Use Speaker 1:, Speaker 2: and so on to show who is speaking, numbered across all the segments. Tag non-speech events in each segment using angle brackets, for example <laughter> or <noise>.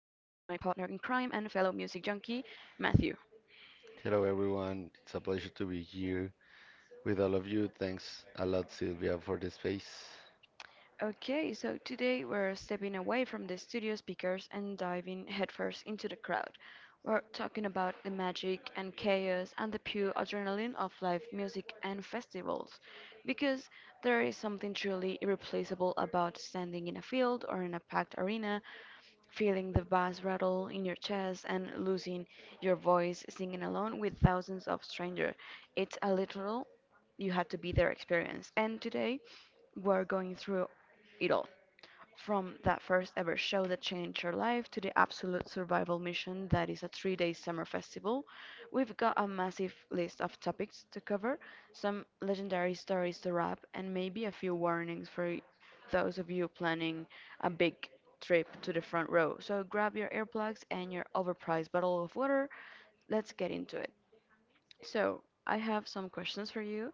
Speaker 1: partner in crime and fellow music junkie, Matthew.
Speaker 2: Hello, everyone. It's a pleasure to be here with all of you. Thanks a lot, Sylvia, for the space.
Speaker 1: Okay, so today we're stepping away from the studio speakers and diving headfirst into the crowd. We're talking about the magic and chaos and the pure adrenaline of live music and festivals. Because there is something truly irreplaceable about standing in a field or in a packed arena, feeling the bass rattle in your chest and losing your voice singing along with thousands of strangers. It's a literal you had to be their experience. And today, we're going through it all. From that first ever show that changed your life to the Absolute Survival Mission, that is a 3-day summer festival, we've got a massive list of topics to cover, some legendary stories to wrap, and maybe a few warnings for those of you planning a big trip to the front row. So grab your earplugs and your overpriced bottle of water. Let's get into it. So, I have some questions for you.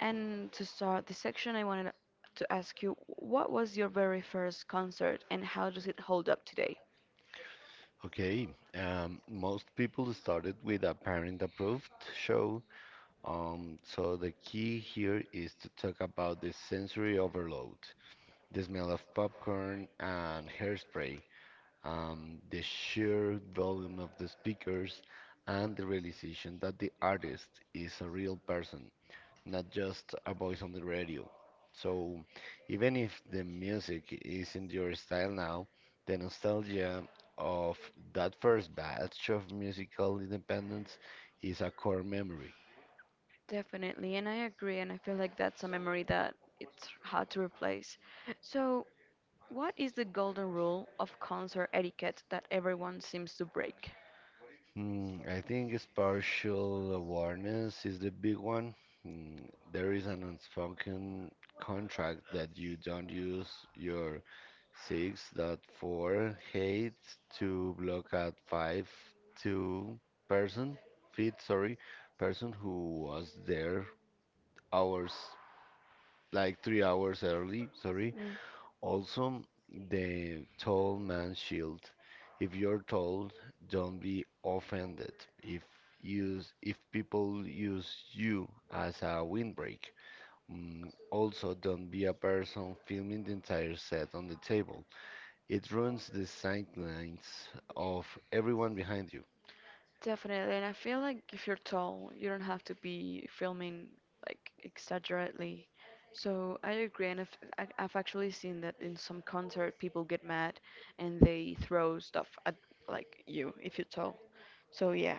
Speaker 1: And to start this section, I wanted to ask you what was your very first concert and how does it hold up today?
Speaker 2: Okay, most people started with a parent-approved show, so the key here is to talk about the sensory overload, the smell of popcorn and hairspray, the sheer volume of the speakers, and the realization that the artist is a real person not just a voice on the radio. So even if the music isn't your style now, the nostalgia of that first batch of musical independence is a core memory.
Speaker 1: Definitely, and I agree, and I feel like that's a memory that it's hard to replace. So, what is the golden rule of concert etiquette that everyone seems to break?
Speaker 2: I think spatial awareness is the big one. Hmm, there is an unspoken contract that you don't use your Six dot four hate to block out five to person feet, sorry, person who was there hours, like 3 hours early, sorry, also the tall man shield. If you're told, don't be offended if if people use you as a windbreak. Also, don't be a person filming the entire set on the table, it ruins the sightlines of everyone behind you.
Speaker 1: Definitely, and I feel like if you're tall, you don't have to be filming like exaggerately. So I agree, and if, I've actually seen that in some concert, people get mad and they throw stuff at like you if you're tall. So yeah,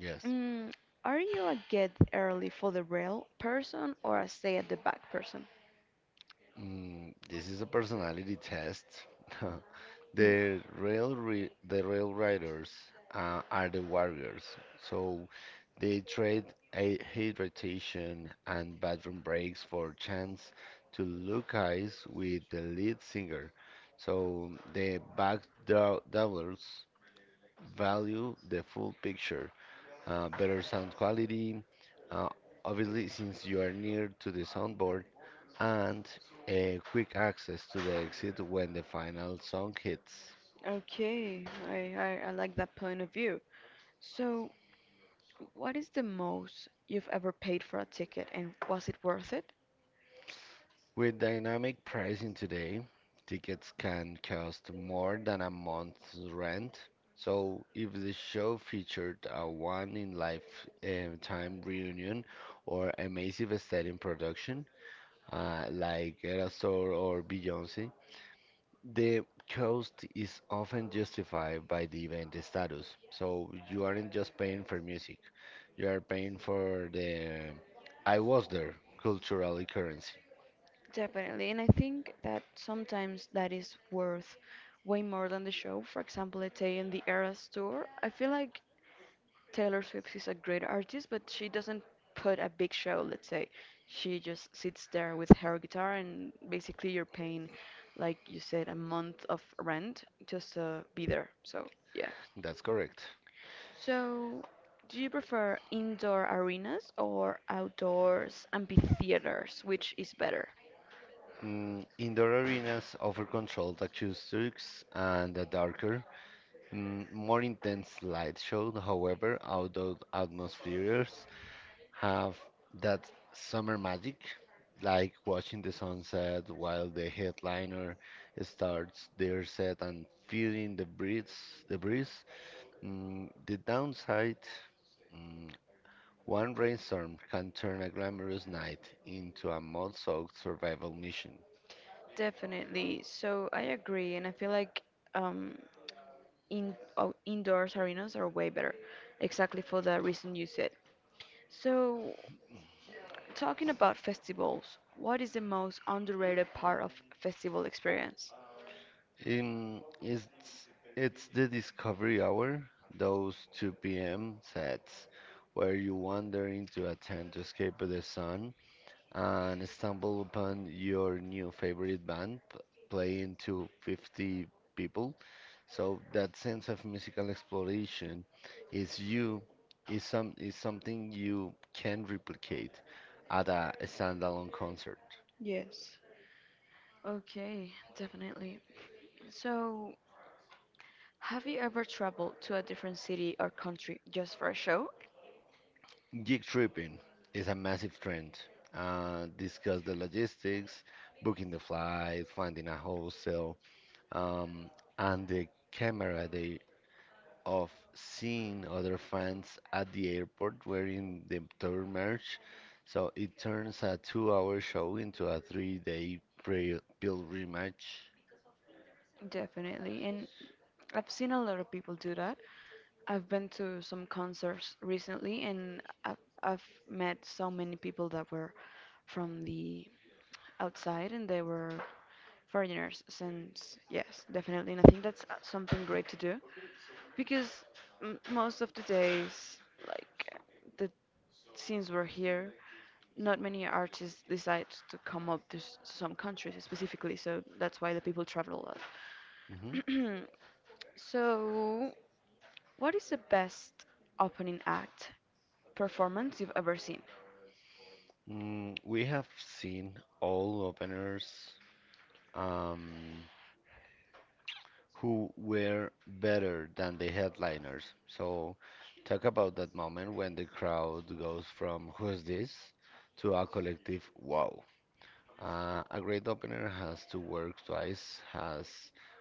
Speaker 2: Yes.
Speaker 1: mm, are you a get early for the rail person or a stay at the back person?
Speaker 2: This is a personality test. <laughs>
Speaker 1: Hmm.
Speaker 2: The rail riders are the warriors, so they trade a hydration and bathroom breaks for chance to look eyes with the lead singer. So the back doublers value the full picture. Better sound quality. Uh, obviously, since you are near to the soundboard and a quick access to the exit when the final song hits.
Speaker 1: Okay, I like that point of view. So, what is the most you've ever paid for a ticket, and was it worth it?
Speaker 2: With dynamic pricing today, tickets can cost more than a month's rent. So, if the show featured a one in lifetime reunion or a massive stadium production, like Erasure or Beyoncé, the cost is often justified by the event status. So you aren't just paying for music, you are paying for the I was there cultural currency.
Speaker 1: Definitely, and I think that sometimes that is worth way more than the show. For example, let's say in the Eras tour, I feel like Taylor Swift is a great artist, but she doesn't put a big show, let's say. She just sits there with her guitar, and basically you're paying, like you said, a month of rent just to be there. So, yeah.
Speaker 2: That's correct.
Speaker 1: So, do you prefer indoor arenas or outdoors amphitheaters? Which is better?
Speaker 2: Indoor arenas offer controlled acoustics and a darker, more intense light show. However, outdoor atmospheres have that summer magic, like watching the sunset while the headliner starts their set and feeling the breeze. The breeze. The downside, mm, one rainstorm can turn a glamorous night into a mud-soaked survival mission.
Speaker 1: Definitely. So I agree, and I feel like um, in indoors arenas are way better, exactly for the reason you said. So, talking about festivals, what is the most underrated part of festival experience?
Speaker 2: Um, it's it's the discovery hour, those 2 p.m. sets where you wander into a tent to escape the sun and stumble upon your new favorite band playing to 50 people. So that sense of musical exploration is you is some is something you can replicate at a standalone concert.
Speaker 1: Yes. Okay, definitely. So, have you ever traveled to a different city or country just for a show?
Speaker 2: Gig tripping is a massive trend. Discuss the logistics, booking the flight, finding a hostel, um, and the camera of seeing other fans at the airport wearing the tour merch, so it turns a 2-hour show into a 3-day pilgrimage.
Speaker 1: Definitely, and I've seen a lot of people do that. I've been to some concerts recently and I've met so many people that were from the outside and they were foreigners since yes definitely and I think that's something great to do because m most of the days like the since we're here not many artists decide to come up to some countries specifically so that's why the people travel
Speaker 2: Mhm.
Speaker 1: a lot <clears throat> so what is the best opening act performance you've ever seen?
Speaker 2: We have seen all openers um, who were better than the headliners. So, talk about that moment when the crowd goes from "Who's this?" to a collective "Wow." A great opener has to work twice as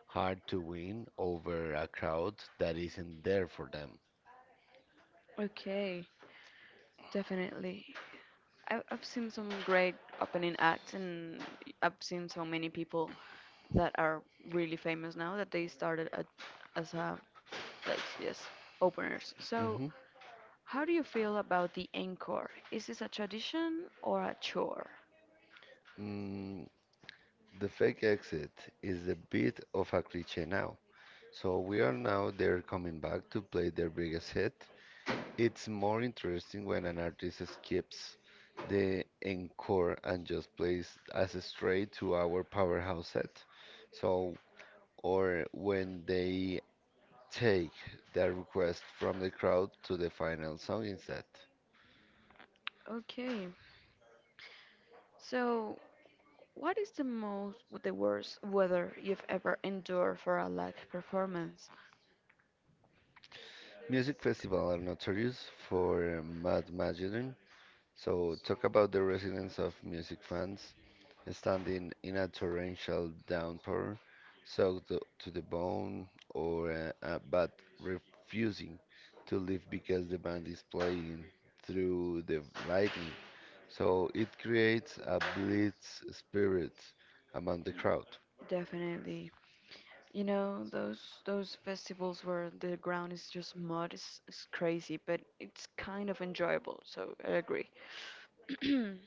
Speaker 2: hard to win over a crowd that isn't there for them.
Speaker 1: Okay, definitely. I've seen some great opening acts, and I've seen so many people that are really famous now that they started as a, like, yes, openers. So,
Speaker 2: Hmm.
Speaker 1: how do you feel about the encore? Is this a tradition or a chore?
Speaker 2: Mm, the fake exit is a bit of a cliche now. So we are now they're coming back to play their biggest hit. It's more interesting when an artist skips the encore and just plays as a straight to our powerhouse set. So or when they take that request from the crowd to the final song instead.
Speaker 1: Okay, so what is the worst weather you've ever endured for a live performance?
Speaker 2: Music festivals are notorious for mad magic, so talk about the residents of music fans standing in a torrential downpour, soaked to the bone, or but refusing to leave because the band is playing through the lightning. So it creates a blitz spirit among the crowd.
Speaker 1: Definitely. You know, those festivals where the ground is just mud is crazy, but it's kind of enjoyable, so I agree. <clears throat>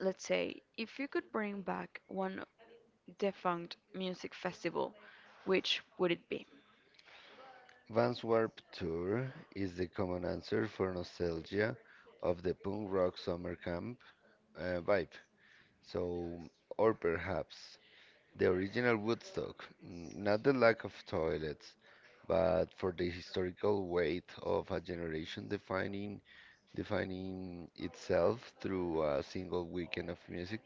Speaker 1: Let's say if you could bring back one defunct music festival, which would it be?
Speaker 2: Vans Warped Tour is the common answer for nostalgia of the punk rock summer camp vibe. So, or perhaps the original Woodstock, not the lack of toilets, but for the historical weight of a generation defining itself through a single weekend of music.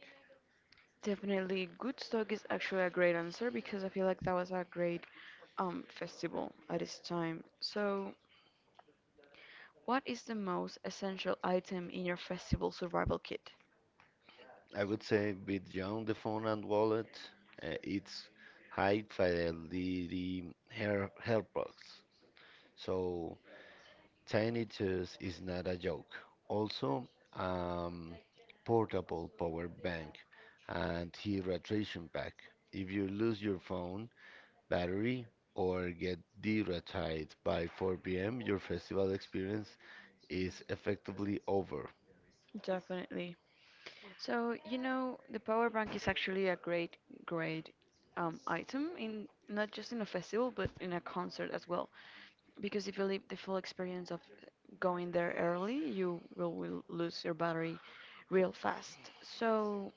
Speaker 1: Definitely Woodstock is actually a great answer because I feel like that was a great festival at its time. So, what is the most essential item in your festival survival kit?
Speaker 2: I would say beyond the phone and wallet, it's high fidelity hairbox. So Tiny Toons is not a joke. Also, um, portable power bank and hydration pack. If you lose your phone battery or get dehydrated by 4 p.m., your festival experience is effectively over.
Speaker 1: Definitely. So, you know, the power bank is actually a great item in not just in a festival but in a concert as well. Because if you leave the full experience of going there early, will lose your battery real fast. So,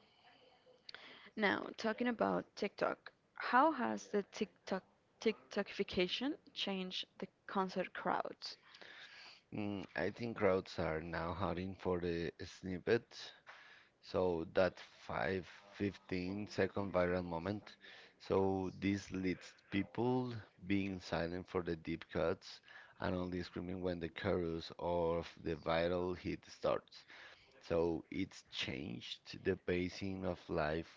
Speaker 1: now talking about TikTok, how has the TikTokification changed the concert crowds?
Speaker 2: I think crowds are now hunting for the snippet, so that 5, 15-second viral moment. So this leads people being silent for the deep cuts and only screaming when the chorus of the viral hit starts. So it's changed the pacing of live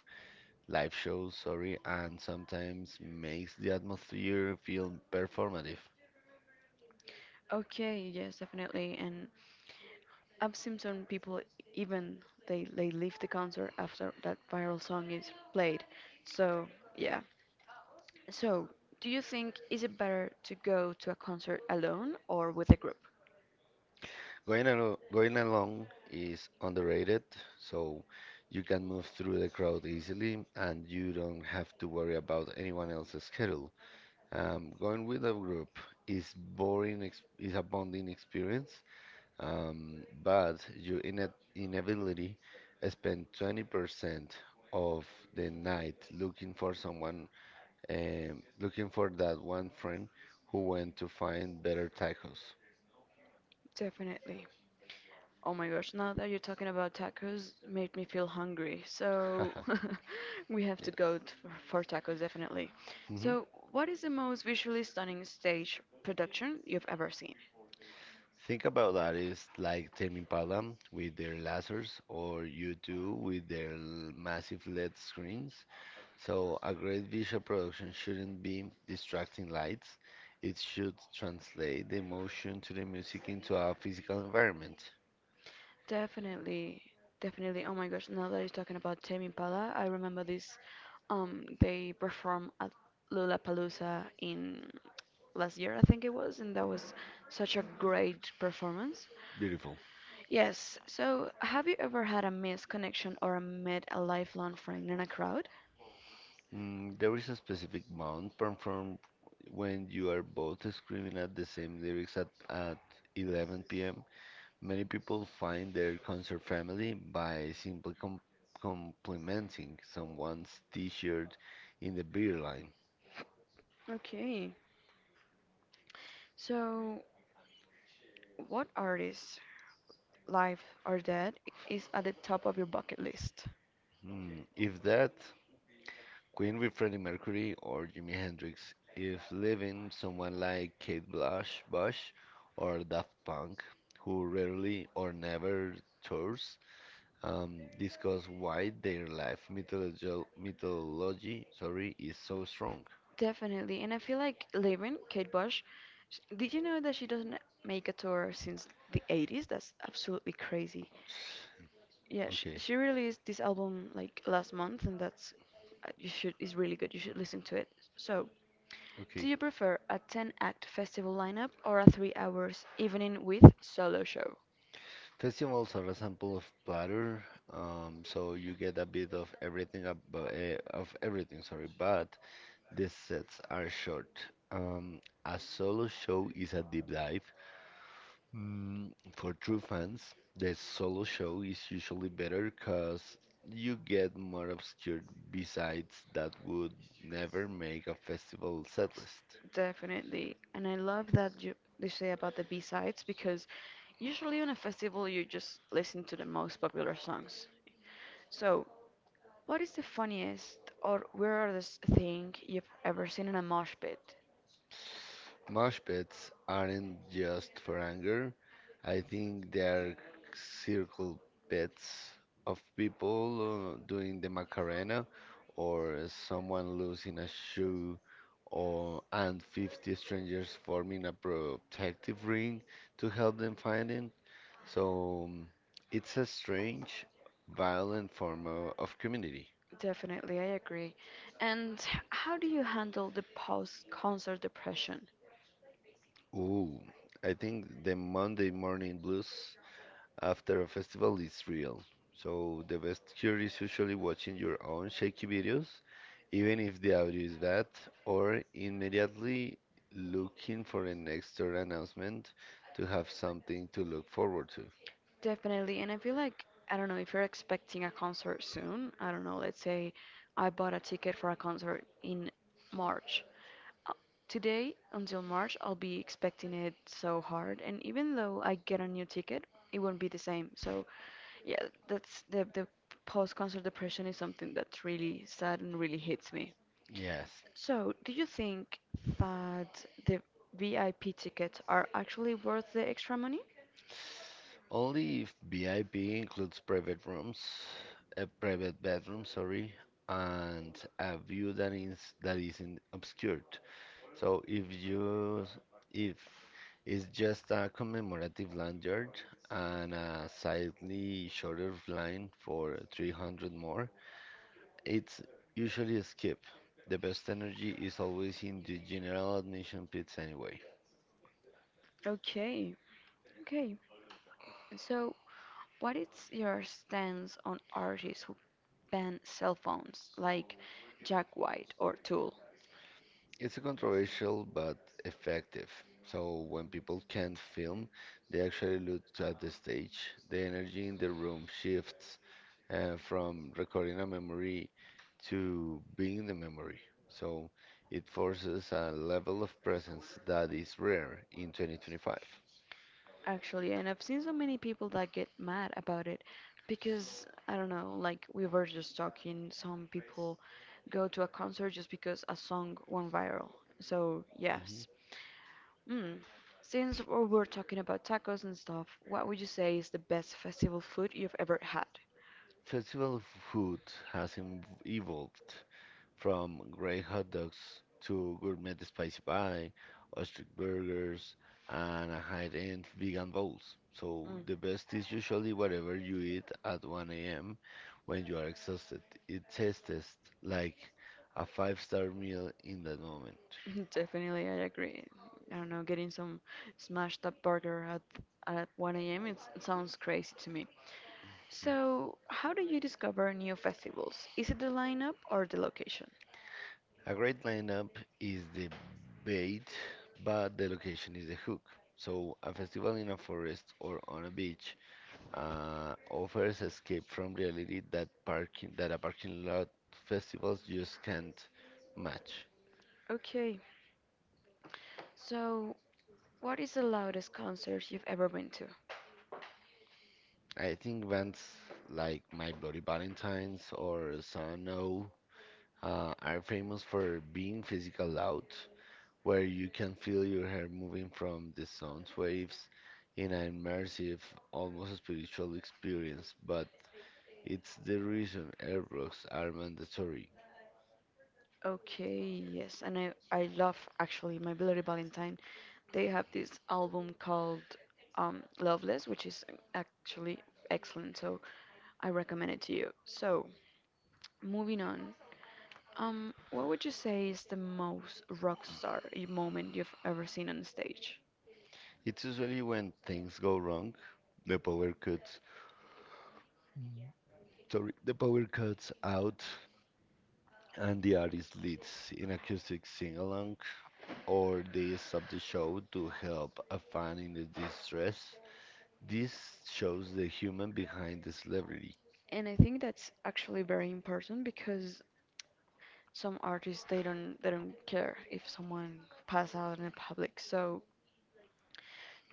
Speaker 2: live shows, sorry, and sometimes makes the atmosphere feel performative.
Speaker 1: Okay, yes, definitely. And I've seen some people even they leave the concert after that viral song is played. So yeah. So do you think is it better to go to a concert alone or with a group?
Speaker 2: Going alone is underrated, so you can move through the crowd easily and you don't have to worry about anyone else's schedule. Going with a group is boring ex is a bonding experience, but you inevitably spend 20% of the night looking for someone, looking for that one friend who went to find better tacos.
Speaker 1: Definitely. Oh my gosh, now that you're talking about tacos, made me feel hungry. So
Speaker 2: <laughs>
Speaker 1: <laughs> we have to
Speaker 2: Yes.
Speaker 1: go for tacos definitely.
Speaker 2: Mm-hmm.
Speaker 1: So what is the most visually stunning stage production you've ever seen?
Speaker 2: Think about that is like Tame Impala with their lasers or U2 with their massive LED screens. So a great visual production shouldn't be distracting lights. It should translate the emotion to the music into a physical environment.
Speaker 1: Definitely, Definitely. Oh my gosh, now that he's talking about Tame Impala, I remember this. They performed at Lollapalooza in last year, I think it was, and that was such a great performance.
Speaker 2: Beautiful.
Speaker 1: Yes, so have you ever had a missed connection or met a lifelong friend in a crowd?
Speaker 2: There is a specific bound performed when you are both screaming at the same lyrics at 11 p.m. Many people find their concert family by simply complimenting someone's t-shirt in the beer line.
Speaker 1: Okay, so what artist, live or dead, is at the top of your bucket list?
Speaker 2: If that, Queen with Freddie Mercury or Jimi Hendrix. If living, someone like Kate Bush or Daft Punk, who rarely or never tours, discuss why their life mythology, sorry, is so strong.
Speaker 1: Definitely. And I feel like Lauren, Kate Bush, did you know that she doesn't make a tour since the 80s? That's absolutely crazy. Yeah,
Speaker 2: Okay,
Speaker 1: she released this album like last month, and that's you should is really good. You should listen to it. So, do
Speaker 2: okay.
Speaker 1: you prefer a 10-act festival lineup or a 3 hours evening with solo show?
Speaker 2: Festivals are a sample of platter, so you get a bit of everything ab of everything, sorry, but the sets are short. Um, a solo show is a deep dive. For true fans, the solo show is usually better because you get more obscure besides that would never make a festival
Speaker 1: S-
Speaker 2: setlist.
Speaker 1: Definitely. And I love that you they say about the B-sides because usually on a festival you just listen to the most popular songs. So, what is the funniest or weirdest thing you've ever seen in a mosh pit?
Speaker 2: Mosh pits aren't just for anger. I think they are circle pits of people doing the Macarena or someone losing a shoe or and 50 strangers forming a protective ring to help them find it. So it's a strange, violent form of community.
Speaker 1: Definitely, I agree. And how do you handle the post-concert depression?
Speaker 2: Ooh, I think the Monday morning blues after a festival is real. So the best cure is usually watching your own shaky videos, even if the audio is bad, or immediately looking for an extra announcement to have something to look forward to.
Speaker 1: Definitely. And I feel like, I don't know, if you're expecting a concert soon, I don't know, let's say I bought a ticket for a concert in March. Uh, Today until March, I'll be expecting it so hard. And even though I get a new ticket, it won't be the same. So, yeah, that's the post-concert depression is something that's really sad and really hits me.
Speaker 2: Yes,
Speaker 1: So, do you think that the VIP tickets are actually worth the extra money?
Speaker 2: only if VIP includes private rooms, a private bedroom, sorry, and a view that isn't obscured. So if it's just a commemorative lanyard and a slightly shorter line for 300 more, it's usually a skip. The best energy is always in the general admission pits anyway.
Speaker 1: Okay. Okay, so, what is your stance on artists who ban cell phones, like Jack White or Tool?
Speaker 2: It's controversial but effective. So when people can't film, they actually look at the stage. The energy in the room shifts, from recording a memory to being the memory. So it forces a level of presence that is rare in 2025.
Speaker 1: Actually, and I've seen so many people that get mad about it because I don't know, like we were just talking, some people go to a concert just because a song went viral. So,
Speaker 2: Mhm.
Speaker 1: yes. Mm. Since we're talking about tacos and stuff, what would you say is the best festival food you've ever had?
Speaker 2: Festival food has evolved from great hot dogs to gourmet spicy pie, ostrich burgers, and a high-end vegan bowls. So
Speaker 1: Mm.
Speaker 2: the best is usually whatever you eat at 1 a.m. when you are exhausted. It tastes like a five-star meal in that moment.
Speaker 1: <laughs> Definitely, I agree. I don't know, getting some smashed up burger at 1 a.m. It sounds crazy to me. So, how do you discover new festivals? Is it the lineup or the location?
Speaker 2: A great lineup is the bait, but the location is the hook. So a festival in a forest or on a beach offers escape from reality that a parking lot festivals just can't match.
Speaker 1: Okay, so what is the loudest concert you've ever been to?
Speaker 2: I think bands like My Bloody Valentines or Son O are famous for being physical loud, where you can feel your hair moving from the sound waves in an immersive, almost spiritual experience. But it's the reason airbrooks are mandatory.
Speaker 1: Okay, yes, and I love actually my Bloody Valentine. They have this album called Loveless, which is actually excellent, so I recommend it to you. So, moving on, what would you say is the most rock star moment you've ever seen on stage?
Speaker 2: It's usually when things go wrong, the power cuts, sorry, the power cuts out and the artist leads in acoustic sing-along or they stop the show to help a fan in the distress. This shows the human behind the celebrity.
Speaker 1: And I think that's actually very important because some artists they don't care if someone pass out in the public. So,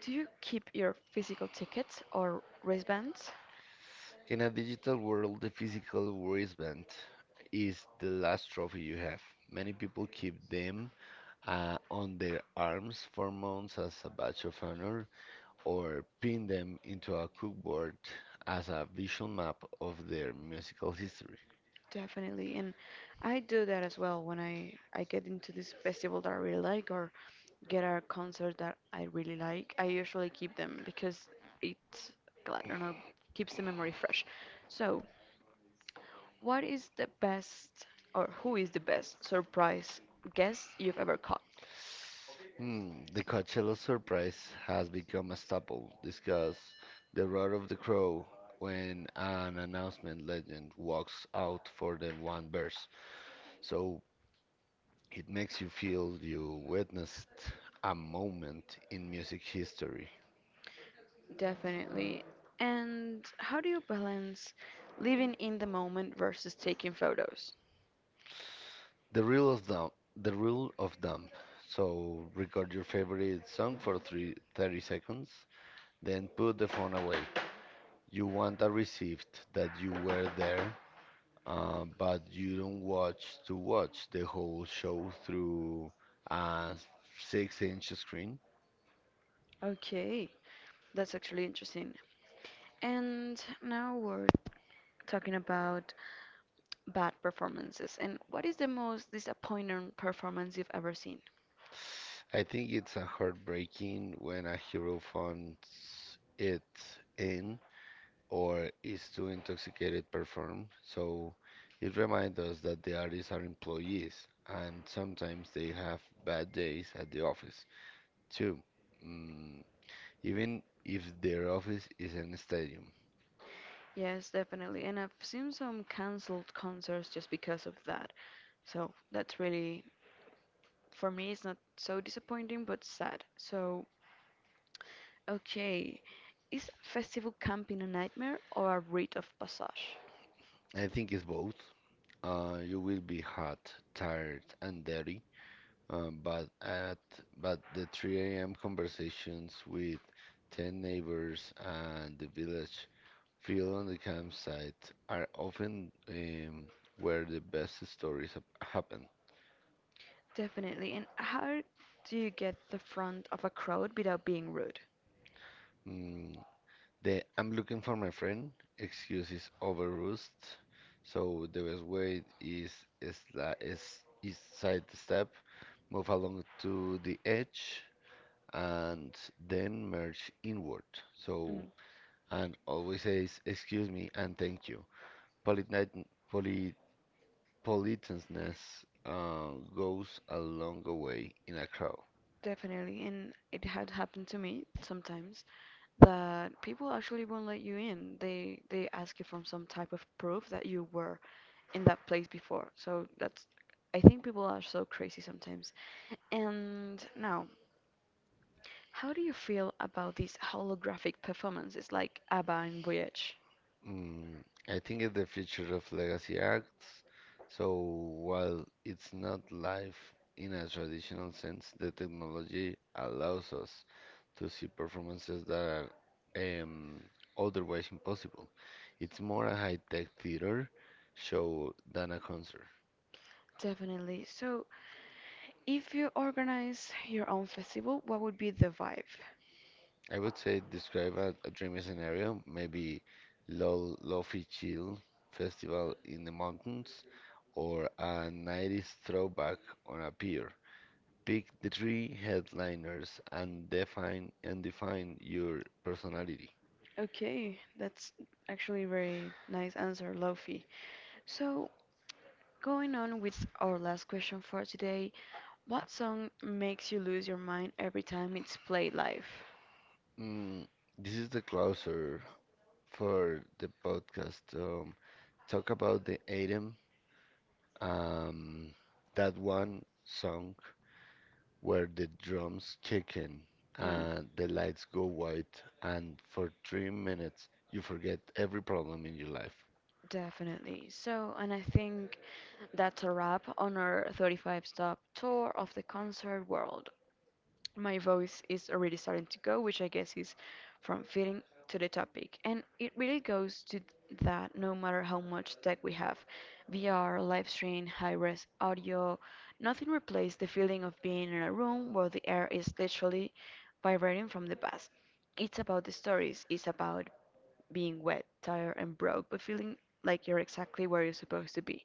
Speaker 1: do you keep your physical tickets or wristbands?
Speaker 2: In a digital world, the physical wristband is the last trophy you have. Many people keep them on their arms for months as a badge of honor or pin them into a cookboard as a visual map of their musical history.
Speaker 1: Definitely. And I do that as well when I get into this festival that I really like or get a concert that I really like. I usually keep them because it, I don't know, keeps the memory fresh. So, what is the best or who is the best surprise guest you've ever caught?
Speaker 2: The Coachella surprise has become a staple. Discuss the roar of the crow when an announcement legend walks out for the one verse. So it makes you feel you witnessed a moment in music history.
Speaker 1: Definitely. And how do you balance living in the moment versus taking photos?
Speaker 2: The rule of thumb, the rule of thumb. So record your favorite song for three, 30 seconds, then put the phone away. You want a receipt that you were there but you don't watch the whole show through a 6-inch screen.
Speaker 1: Okay, that's actually interesting. And now we're talking about bad performances. And what is the most disappointing performance you've ever seen?
Speaker 2: I think it's a heartbreaking when a hero finds it in or is too intoxicated to perform. So it reminds us that the artists are employees and sometimes they have bad days at the office too. Mm, even if their office is in a stadium.
Speaker 1: Yes, definitely. And I've seen some canceled concerts just because of that. So that's for me, it's not so disappointing, but sad. So, okay. Is festival camping a nightmare or a rite of passage?
Speaker 2: I think it's both. You will be hot, tired, and dirty, but at but the 3 a.m. conversations with 10 neighbors and the village field on the campsite are often where the best stories happen.
Speaker 1: Definitely. And how do you get the front of a crowd without being rude?
Speaker 2: Mm, the I'm looking for my friend excuse is overused, so the best way is, la- is sidestep, move along to the edge and then merge inward.
Speaker 1: Mm.
Speaker 2: So, and always says, excuse me and thank you. Politeness, polit, politeness uh, goes a long way in a crowd.
Speaker 1: Definitely, and it had happened to me sometimes that people actually won't let you in. They ask you for some type of proof that you were in that place before. So that's I think people are so crazy sometimes. And now, how do you feel about these holographic performances like ABBA and Voyage?
Speaker 2: Mm, I think it's the future of legacy acts. So while it's not live in a traditional sense, the technology allows us to see performances that are otherwise impossible. It's more a high-tech theater show than a concert.
Speaker 1: Definitely. So, if you organize your own festival, what would be the vibe?
Speaker 2: I would say describe a dreamy scenario, maybe low lo-fi chill festival in the mountains or a 90s throwback on a pier. Pick the three headliners and define your personality.
Speaker 1: Okay, that's actually very nice answer, Lofi. So, going on with our last question for today, what song makes you lose your mind every time it's played live?
Speaker 2: Mm, this is the closer for the podcast. Talk about the item, um, that one song where the drums kick in
Speaker 1: Mm.
Speaker 2: and the lights go white, and for 3 minutes you forget every problem in your life.
Speaker 1: Definitely. So, and I think that's a wrap on our 35 stop tour of the concert world. My voice is already starting to go, which I guess is from fitting to the topic. And it really goes to that no matter how much tech we have VR, live stream, high res audio nothing replaces the feeling of being in a room where the air is literally vibrating from the past. It's about the stories, it's about being wet, tired, and broke, but feeling like you're exactly where you're supposed to be.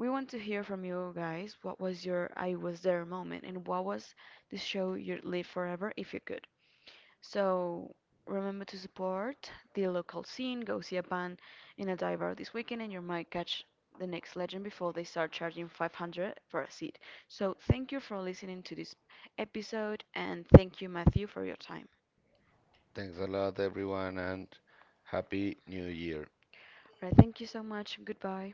Speaker 1: We want to hear from you guys. What was your I was there moment, and what was the show you'd live forever if you could? So remember to support the local scene. Go see a band in a dive bar this weekend, and you might catch the next legend before they start charging 500 for a seat. So thank you for listening to this episode, and thank you, Matthew, for your time.
Speaker 2: Thanks a lot, everyone, and happy New Year.
Speaker 1: Right, thank you so much. Goodbye.